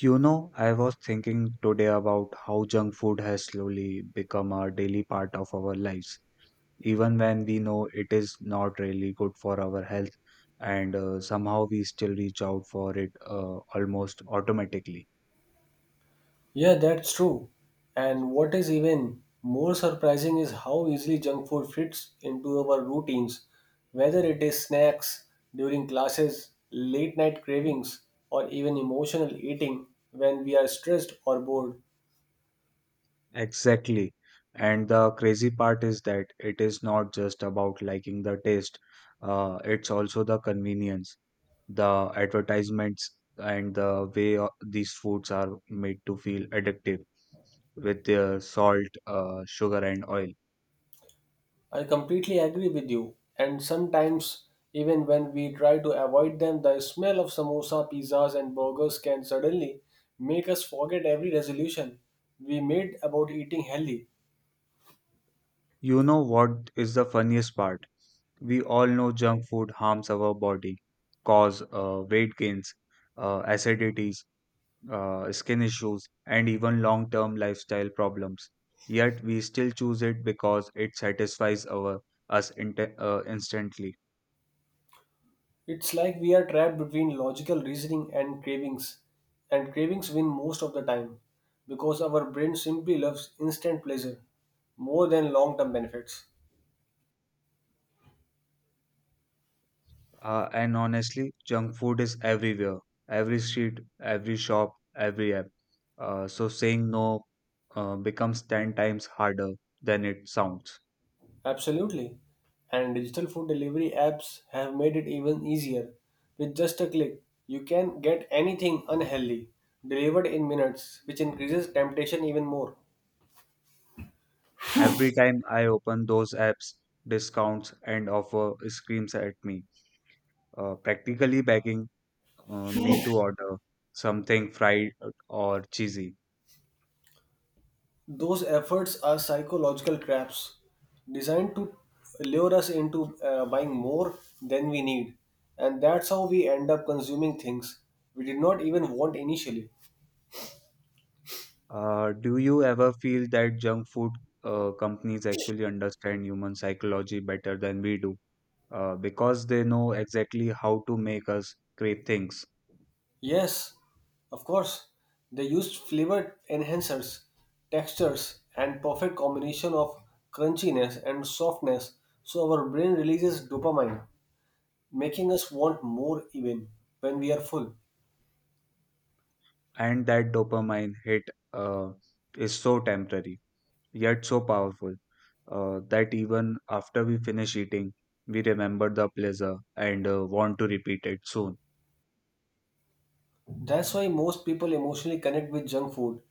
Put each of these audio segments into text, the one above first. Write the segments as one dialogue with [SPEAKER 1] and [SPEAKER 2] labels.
[SPEAKER 1] You know, I was thinking today about how junk food has slowly become a daily part of our lives, even when we know it is not really good for our health, and somehow we still reach out for it almost automatically.
[SPEAKER 2] Yeah, that's true. And what is even more surprising is how easily junk food fits into our routines, whether it is snacks during classes, late night cravings, or even emotional eating when we are stressed or bored.
[SPEAKER 1] Exactly. And the crazy part is that it is not just about liking the taste, it's also the convenience, the advertisements, and the way these foods are made to feel addictive with salt, sugar, and oil.
[SPEAKER 2] I completely agree with you. And sometimes, even when we try to avoid them, the smell of samosa, pizzas, and burgers can suddenly make us forget every resolution we made about eating healthy.
[SPEAKER 1] You know what is the funniest part? We all know junk food harms our body, cause weight gains, acidities, skin issues, and even long term lifestyle problems. Yet we still choose it because it satisfies our us inte- instantly.
[SPEAKER 2] It's like we are trapped between logical reasoning and cravings win most of the time because our brain simply loves instant pleasure more than long term benefits.
[SPEAKER 1] And honestly, junk food is everywhere, every street, every shop, every app. So saying no becomes 10 times harder than it sounds.
[SPEAKER 2] Absolutely. And digital food delivery apps have made it even easier. With just a click, you can get anything unhealthy delivered in minutes, which increases temptation even more.
[SPEAKER 1] Every time I open those apps, discounts and offer screams at me, practically begging me to order something fried or cheesy.
[SPEAKER 2] Those efforts are psychological traps designed to lure us into buying more than we need. And that's how we end up consuming things we did not even want initially.
[SPEAKER 1] Do you ever feel that junk food companies actually understand human psychology better than we do? Because they know exactly how to make us crave things.
[SPEAKER 2] Yes, of course, they used flavor enhancers, textures, and perfect combination of crunchiness and softness so our brain releases dopamine, making us want more even when we are full.
[SPEAKER 1] And that dopamine hit uh, is so temporary, yet so powerful, that even after we finish eating, we remember the pleasure and want to repeat it soon.
[SPEAKER 2] That's why most people emotionally connect with junk food.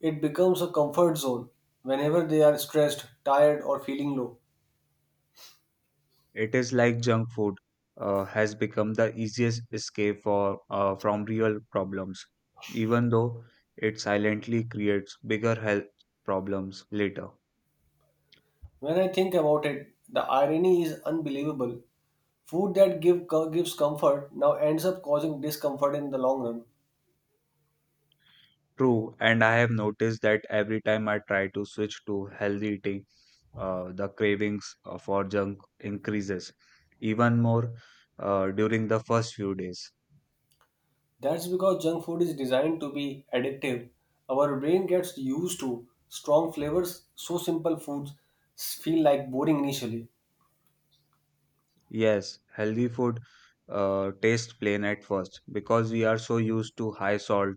[SPEAKER 2] It becomes a comfort zone whenever they are stressed, tired, or feeling low.
[SPEAKER 1] It is like junk food has become the easiest escape from real problems, even though it silently creates bigger health problems later.
[SPEAKER 2] When I think about it, the irony is unbelievable. Food that give, co- gives comfort now ends up causing discomfort in the long run.
[SPEAKER 1] True, and I have noticed that every time I try to switch to healthy eating, the cravings for junk increases even more during the first few days.
[SPEAKER 2] That's because junk food is designed to be addictive. Our brain gets used to strong flavors, so simple foods feel like boring initially.
[SPEAKER 1] Yes, healthy food tastes plain at first because we are so used to high salt,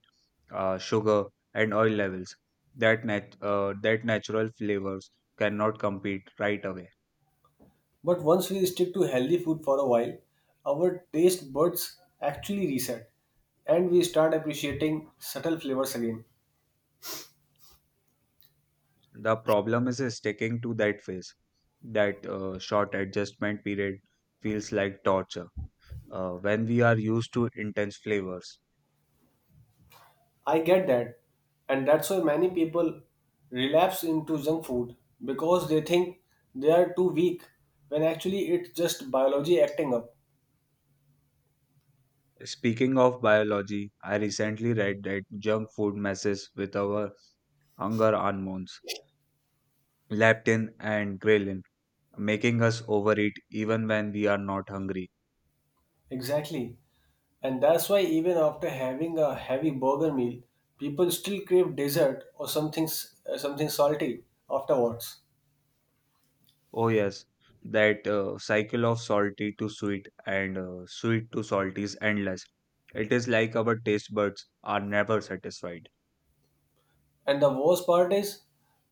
[SPEAKER 1] sugar, and oil levels that natural flavors cannot compete right away.
[SPEAKER 2] But once we stick to healthy food for a while, our taste buds actually reset and we start appreciating subtle flavors again.
[SPEAKER 1] The problem is sticking to that phase. That short adjustment period feels like torture when we are used to intense flavors.
[SPEAKER 2] I get that. And that's why many people relapse into junk food because they think they are too weak when actually it's just biology acting up.
[SPEAKER 1] Speaking of biology, I recently read that junk food messes with our hunger hormones, leptin and ghrelin, making us overeat even when we are not hungry.
[SPEAKER 2] Exactly. And that's why even after having a heavy burger meal, people still crave dessert or something salty afterwards.
[SPEAKER 1] Oh, yes, that cycle of salty to sweet and sweet to salty is endless. It is like our taste buds are never satisfied.
[SPEAKER 2] And the worst part is,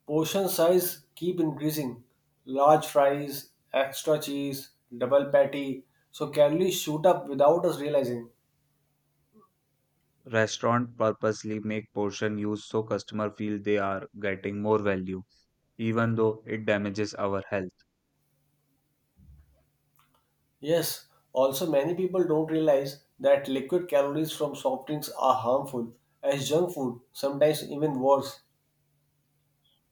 [SPEAKER 2] portion size keep increasing. Large fries, extra cheese, double patty. So calories shoot up without us realizing.
[SPEAKER 1] Restaurant purposely make portion use so customer feel they are getting more value, even though it damages our health.
[SPEAKER 2] Yes, also many people don't realize that liquid calories from soft drinks are harmful as junk food, sometimes even worse.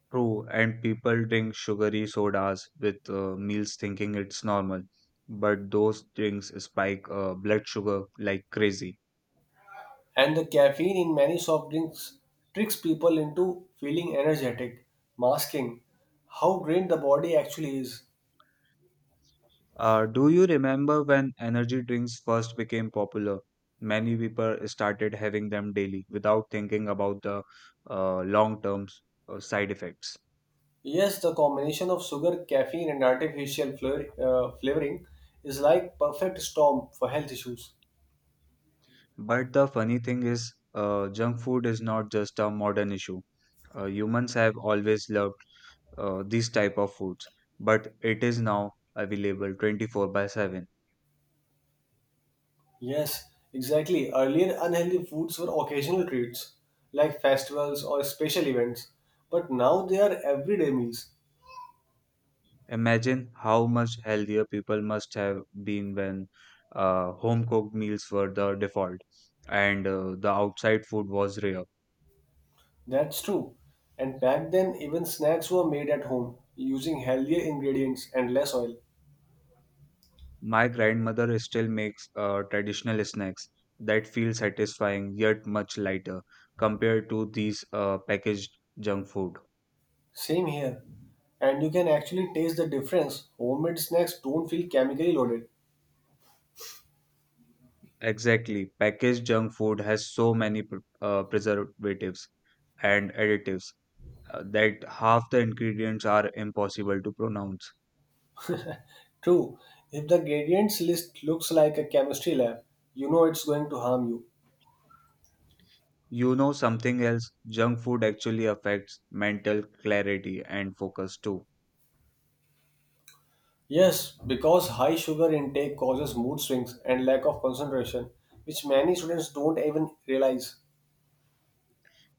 [SPEAKER 1] True, and people drink sugary sodas with meals thinking it's normal, but those drinks spike blood sugar like crazy.
[SPEAKER 2] And the caffeine in many soft drinks tricks people into feeling energetic, masking how drained the body actually is.
[SPEAKER 1] Do you remember when energy drinks first became popular? Many people started having them daily without thinking about the long-term side effects.
[SPEAKER 2] Yes, the combination of sugar, caffeine, and flavoring is like perfect storm for health issues.
[SPEAKER 1] But the funny thing is, junk food is not just a modern issue. Humans have always loved these type of foods, but it is now available 24 by 7.
[SPEAKER 2] Yes, exactly. Earlier, unhealthy foods were occasional treats, like festivals or special events, but now they are everyday meals.
[SPEAKER 1] Imagine how much healthier people must have been when home cooked meals were the default and the outside food was rare.
[SPEAKER 2] That's true. And back then, even snacks were made at home using healthier ingredients and less oil.
[SPEAKER 1] My grandmother still makes traditional snacks that feel satisfying yet much lighter compared to these packaged junk food.
[SPEAKER 2] Same here. And you can actually taste the difference. Homemade snacks don't feel chemically loaded.
[SPEAKER 1] Exactly, packaged junk food has so many preservatives and additives that half the ingredients are impossible to pronounce.
[SPEAKER 2] True, if the gradients list looks like a chemistry lab, you know it's going to harm you.
[SPEAKER 1] You know something else? Junk food actually affects mental clarity and focus too.
[SPEAKER 2] Yes, because high sugar intake causes mood swings and lack of concentration, which many students don't even realize.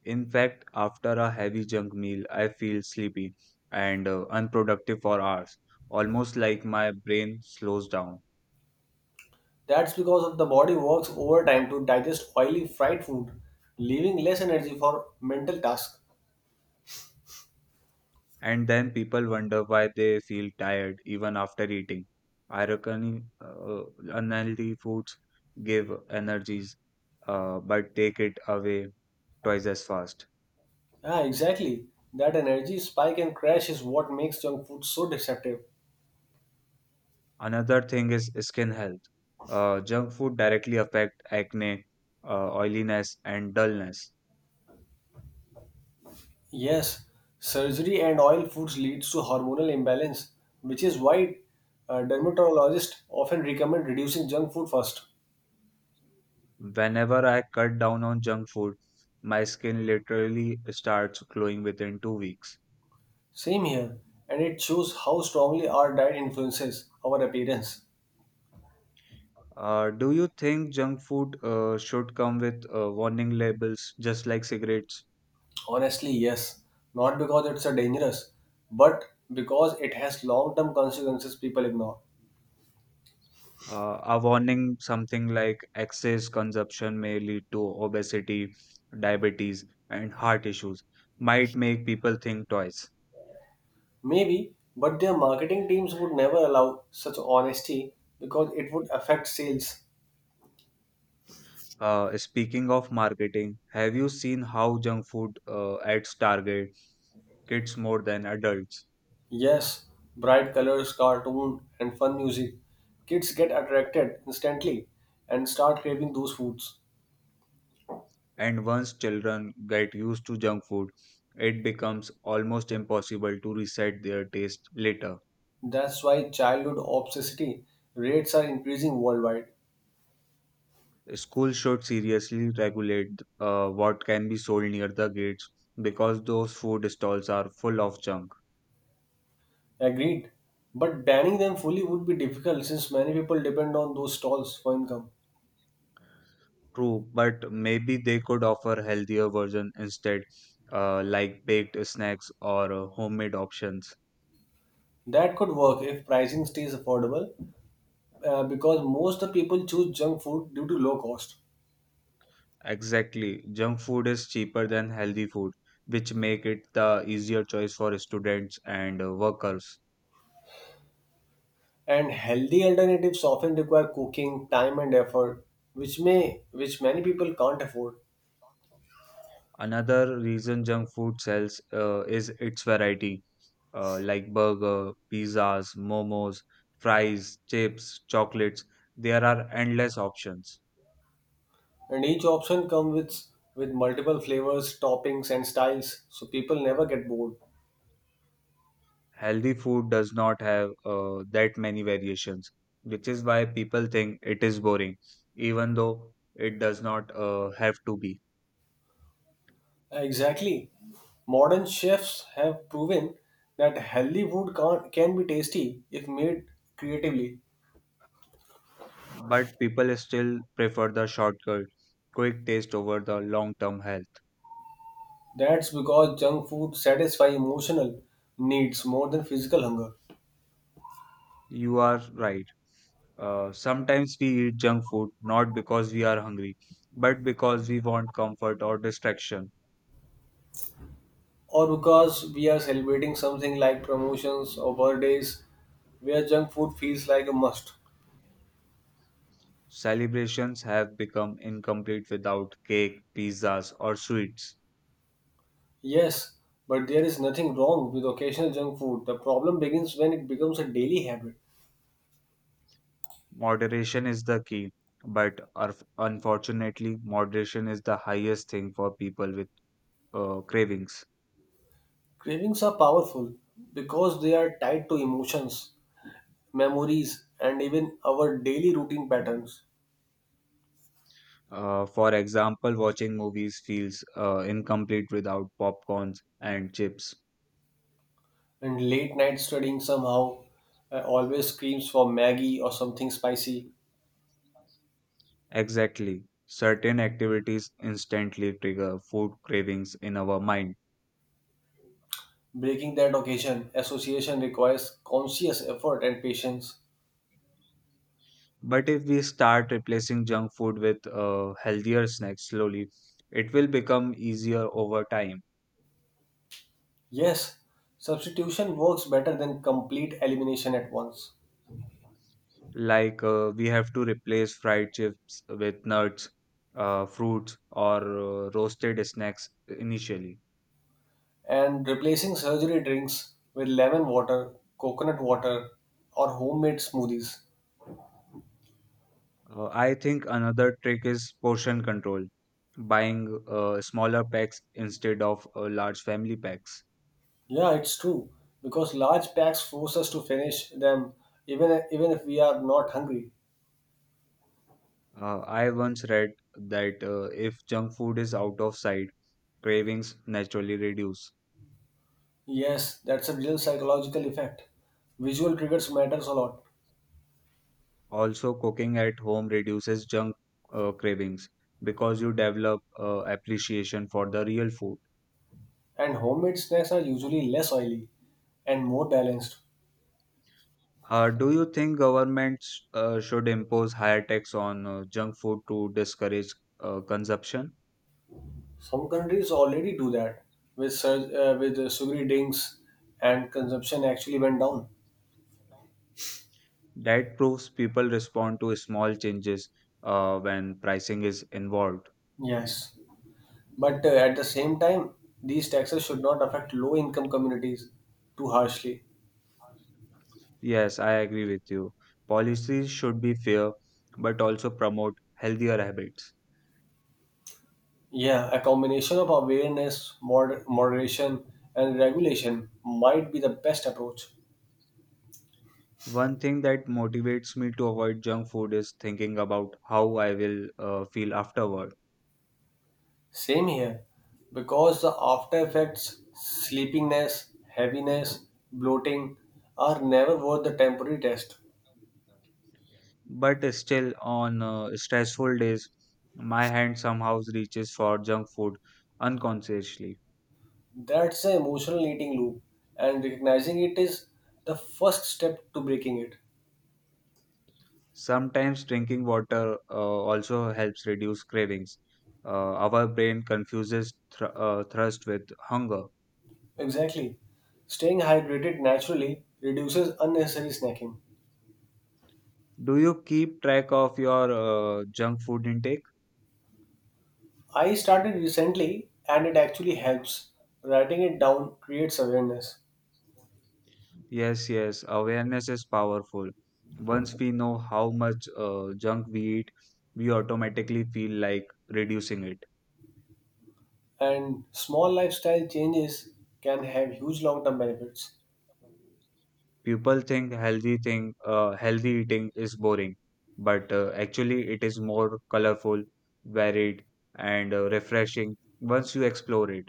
[SPEAKER 1] In fact, after a heavy junk meal, I feel sleepy and unproductive for hours, almost like my brain slows down.
[SPEAKER 2] That's because of the body works overtime to digest oily fried food, leaving less energy for mental tasks.
[SPEAKER 1] And then people wonder why they feel tired even after eating. I reckon unhealthy foods give energies, but take it away twice as fast.
[SPEAKER 2] Ah, exactly. That energy spike and crash is what makes junk food so deceptive.
[SPEAKER 1] Another thing is skin health. Junk food directly affect acne, oiliness, and dullness.
[SPEAKER 2] Yes, surgery and oil foods leads to hormonal imbalance, which is why dermatologists often recommend reducing junk food first.
[SPEAKER 1] Whenever I cut down on junk food, my skin literally starts glowing within 2 weeks.
[SPEAKER 2] Same here, and it shows how strongly our diet influences our appearance.
[SPEAKER 1] Do you think junk food should come with warning labels just like cigarettes?
[SPEAKER 2] Honestly, yes, not because it's a dangerous, but because it has long-term consequences people ignore.
[SPEAKER 1] A warning something like excess consumption may lead to obesity, diabetes, and heart issues might make people think twice.
[SPEAKER 2] Maybe, but their marketing teams would never allow such honesty because it would affect sales.
[SPEAKER 1] Speaking of marketing, have you seen how junk food ads target kids more than adults?
[SPEAKER 2] Yes, bright colors, cartoon, and fun music. Kids get attracted instantly and start craving those foods.
[SPEAKER 1] And once children get used to junk food, it becomes almost impossible to reset their taste later.
[SPEAKER 2] That's why childhood obesity rates are increasing worldwide.
[SPEAKER 1] Schools should seriously regulate what can be sold near the gates because those food stalls are full of junk.
[SPEAKER 2] Agreed. But banning them fully would be difficult since many people depend on those stalls for income.
[SPEAKER 1] True, but maybe they could offer healthier version instead, like baked snacks or homemade options.
[SPEAKER 2] That could work if pricing stays affordable because most of the people choose junk food due to low cost.
[SPEAKER 1] Exactly. Junk food is cheaper than healthy food, which make it the easier choice for students and workers.
[SPEAKER 2] And healthy alternatives often require cooking, time and effort, which many people can't afford.
[SPEAKER 1] Another reason junk food sells is its variety, like burger, pizzas, momos, fries, chips, chocolates. There are endless options.
[SPEAKER 2] And each option comes with multiple flavors, toppings, and styles, so people never get bored.
[SPEAKER 1] Healthy food does not have that many variations, which is why people think it is boring, even though it does not have to be.
[SPEAKER 2] Exactly. Modern chefs have proven that healthy food can be tasty if made creatively.
[SPEAKER 1] But people still prefer the shortcut, quick taste over the long term health.
[SPEAKER 2] That's because junk food satisfies emotional needs more than physical hunger.
[SPEAKER 1] You are right. Sometimes we eat junk food not because we are hungry, but because we want comfort or distraction.
[SPEAKER 2] Or because we are celebrating something like promotions or birthdays where junk food feels like a must.
[SPEAKER 1] Celebrations have become incomplete without cake, pizzas, or sweets.
[SPEAKER 2] Yes, but there is nothing wrong with occasional junk food. The problem begins when it becomes a daily habit.
[SPEAKER 1] Moderation is the key, but unfortunately, moderation is the highest thing for people with cravings.
[SPEAKER 2] Cravings are powerful because they are tied to emotions, memories, and even our daily routine patterns.
[SPEAKER 1] For example, watching movies feels incomplete without popcorns and chips.
[SPEAKER 2] And late night studying somehow always screams for Maggie or something spicy.
[SPEAKER 1] Exactly. Certain activities instantly trigger food cravings in our mind.
[SPEAKER 2] Breaking that occasion association requires conscious effort and patience.
[SPEAKER 1] But if we start replacing junk food with healthier snacks slowly, it will become easier over time.
[SPEAKER 2] Yes, substitution works better than complete elimination at once.
[SPEAKER 1] Like we have to replace fried chips with nuts, fruits, or roasted snacks initially.
[SPEAKER 2] And replacing surgery drinks with lemon water, coconut water, or homemade smoothies.
[SPEAKER 1] I think another trick is portion control, buying smaller packs instead of large family packs.
[SPEAKER 2] Yeah, it's true because large packs force us to finish them even if we are not hungry.
[SPEAKER 1] I once read that if junk food is out of sight, cravings naturally reduce.
[SPEAKER 2] Yes, that's a real psychological effect. Visual triggers matters a lot,
[SPEAKER 1] Also, cooking at home reduces junk cravings because you develop appreciation for the real food.
[SPEAKER 2] and homemade snacks are usually less oily and more balanced.
[SPEAKER 1] Do you think governments should impose higher tax on junk food to discourage consumption?
[SPEAKER 2] Some countries already do that with sugary drinks, and consumption actually went down.
[SPEAKER 1] That proves people respond to small changes when pricing is involved.
[SPEAKER 2] Yes. But at the same time, these taxes should not affect low income communities too harshly.
[SPEAKER 1] Yes, I agree with you. Policies should be fair but also promote healthier habits.
[SPEAKER 2] Yeah, a combination of awareness, moderation, and regulation might be the best approach.
[SPEAKER 1] One thing that motivates me to avoid junk food is thinking about how I will feel afterward.
[SPEAKER 2] Same here, because the after effects, sleepiness, heaviness, bloating, are never worth the temporary test.
[SPEAKER 1] But still, on stressful days, my hand somehow reaches for junk food unconsciously.
[SPEAKER 2] That's the emotional eating loop, and recognizing it is the first step to breaking it.
[SPEAKER 1] Sometimes drinking water also helps reduce cravings. Our brain confuses thirst with hunger.
[SPEAKER 2] Exactly. Staying hydrated naturally reduces unnecessary snacking.
[SPEAKER 1] Do you keep track of your junk food intake?
[SPEAKER 2] I started recently and it actually helps. Writing it down creates awareness,
[SPEAKER 1] Yes, yes, awareness is powerful. Once we know how much junk we eat, we automatically feel like reducing it.
[SPEAKER 2] and small lifestyle changes can have huge long term benefits.
[SPEAKER 1] People think healthy eating is boring, but actually it is more colorful, varied, and refreshing once you explore it.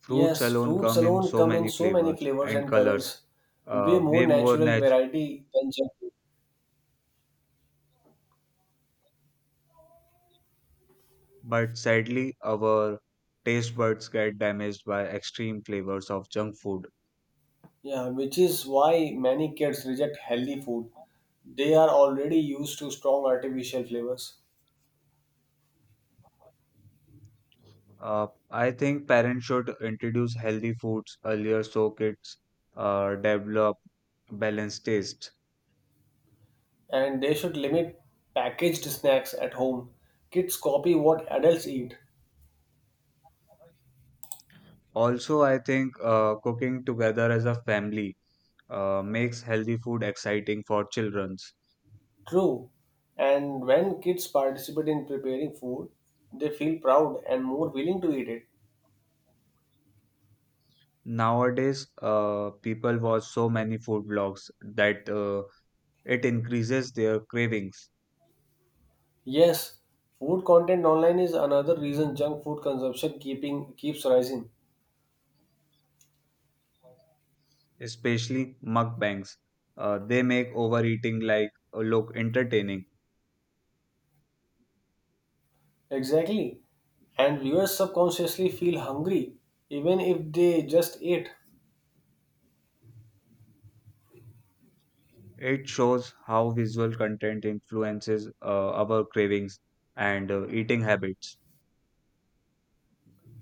[SPEAKER 1] Fruits
[SPEAKER 2] Yes,
[SPEAKER 1] alone
[SPEAKER 2] fruits
[SPEAKER 1] come in
[SPEAKER 2] alone
[SPEAKER 1] so
[SPEAKER 2] come
[SPEAKER 1] many
[SPEAKER 2] in so
[SPEAKER 1] flavors
[SPEAKER 2] many flavors
[SPEAKER 1] and
[SPEAKER 2] and
[SPEAKER 1] colors,
[SPEAKER 2] colors, way
[SPEAKER 1] uh, way
[SPEAKER 2] more
[SPEAKER 1] more
[SPEAKER 2] natural
[SPEAKER 1] nat-
[SPEAKER 2] variety than junk food.
[SPEAKER 1] but sadly our taste buds get damaged by extreme flavors of junk food.
[SPEAKER 2] Yeah, which is why many kids reject healthy food. They are already used to strong artificial flavors.
[SPEAKER 1] I think parents should introduce healthy foods earlier so kids develop balanced taste.
[SPEAKER 2] And they should limit packaged snacks at home. Kids copy what adults eat.
[SPEAKER 1] Also, I think cooking together as a family makes healthy food exciting for childrens.
[SPEAKER 2] True. And when kids participate in preparing food, they feel proud and more willing to eat it.
[SPEAKER 1] Nowadays, people watch so many food blogs that it increases their cravings,
[SPEAKER 2] Yes, food content online is another reason junk food consumption keeping keeps rising.
[SPEAKER 1] especially mukbangs. They make overeating look entertaining.
[SPEAKER 2] Exactly. And viewers subconsciously feel hungry even if they just ate.
[SPEAKER 1] It shows how visual content influences our cravings and eating habits.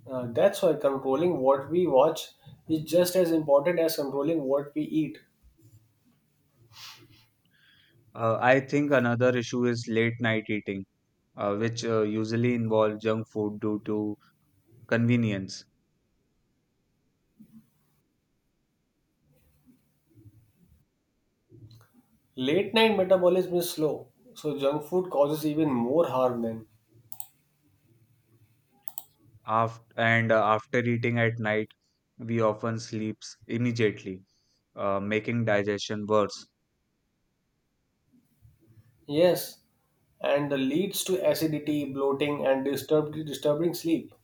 [SPEAKER 2] That's why controlling what we watch is just as important as controlling what we eat.
[SPEAKER 1] I think another issue is late night eating which usually involve junk food due to convenience.
[SPEAKER 2] Late night metabolism is slow, so junk food causes even more harm then.
[SPEAKER 1] After eating at night, we often sleeps immediately, making digestion worse.
[SPEAKER 2] Yes, and leads to acidity, bloating, and disturbing sleep.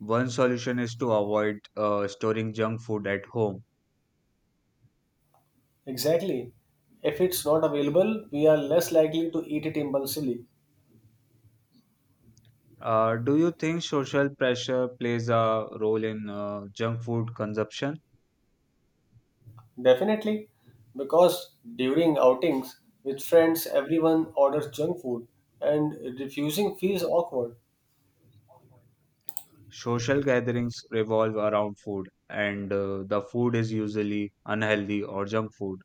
[SPEAKER 1] One solution is to avoid storing junk food at home.
[SPEAKER 2] Exactly. If it's not available, we are less likely to eat it impulsively.
[SPEAKER 1] Do you think social pressure plays a role in junk food consumption?
[SPEAKER 2] Definitely, because during outings with friends, everyone orders junk food, and refusing feels awkward.
[SPEAKER 1] Social gatherings revolve around food, and the food is usually unhealthy or junk food.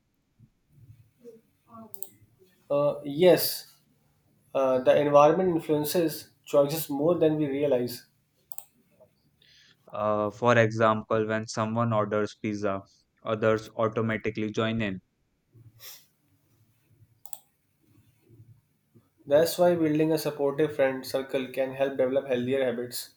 [SPEAKER 2] Yes, the environment influences choices more than we realize.
[SPEAKER 1] For example, when someone orders pizza, others automatically join in.
[SPEAKER 2] That's why building a supportive friend circle can help develop healthier habits.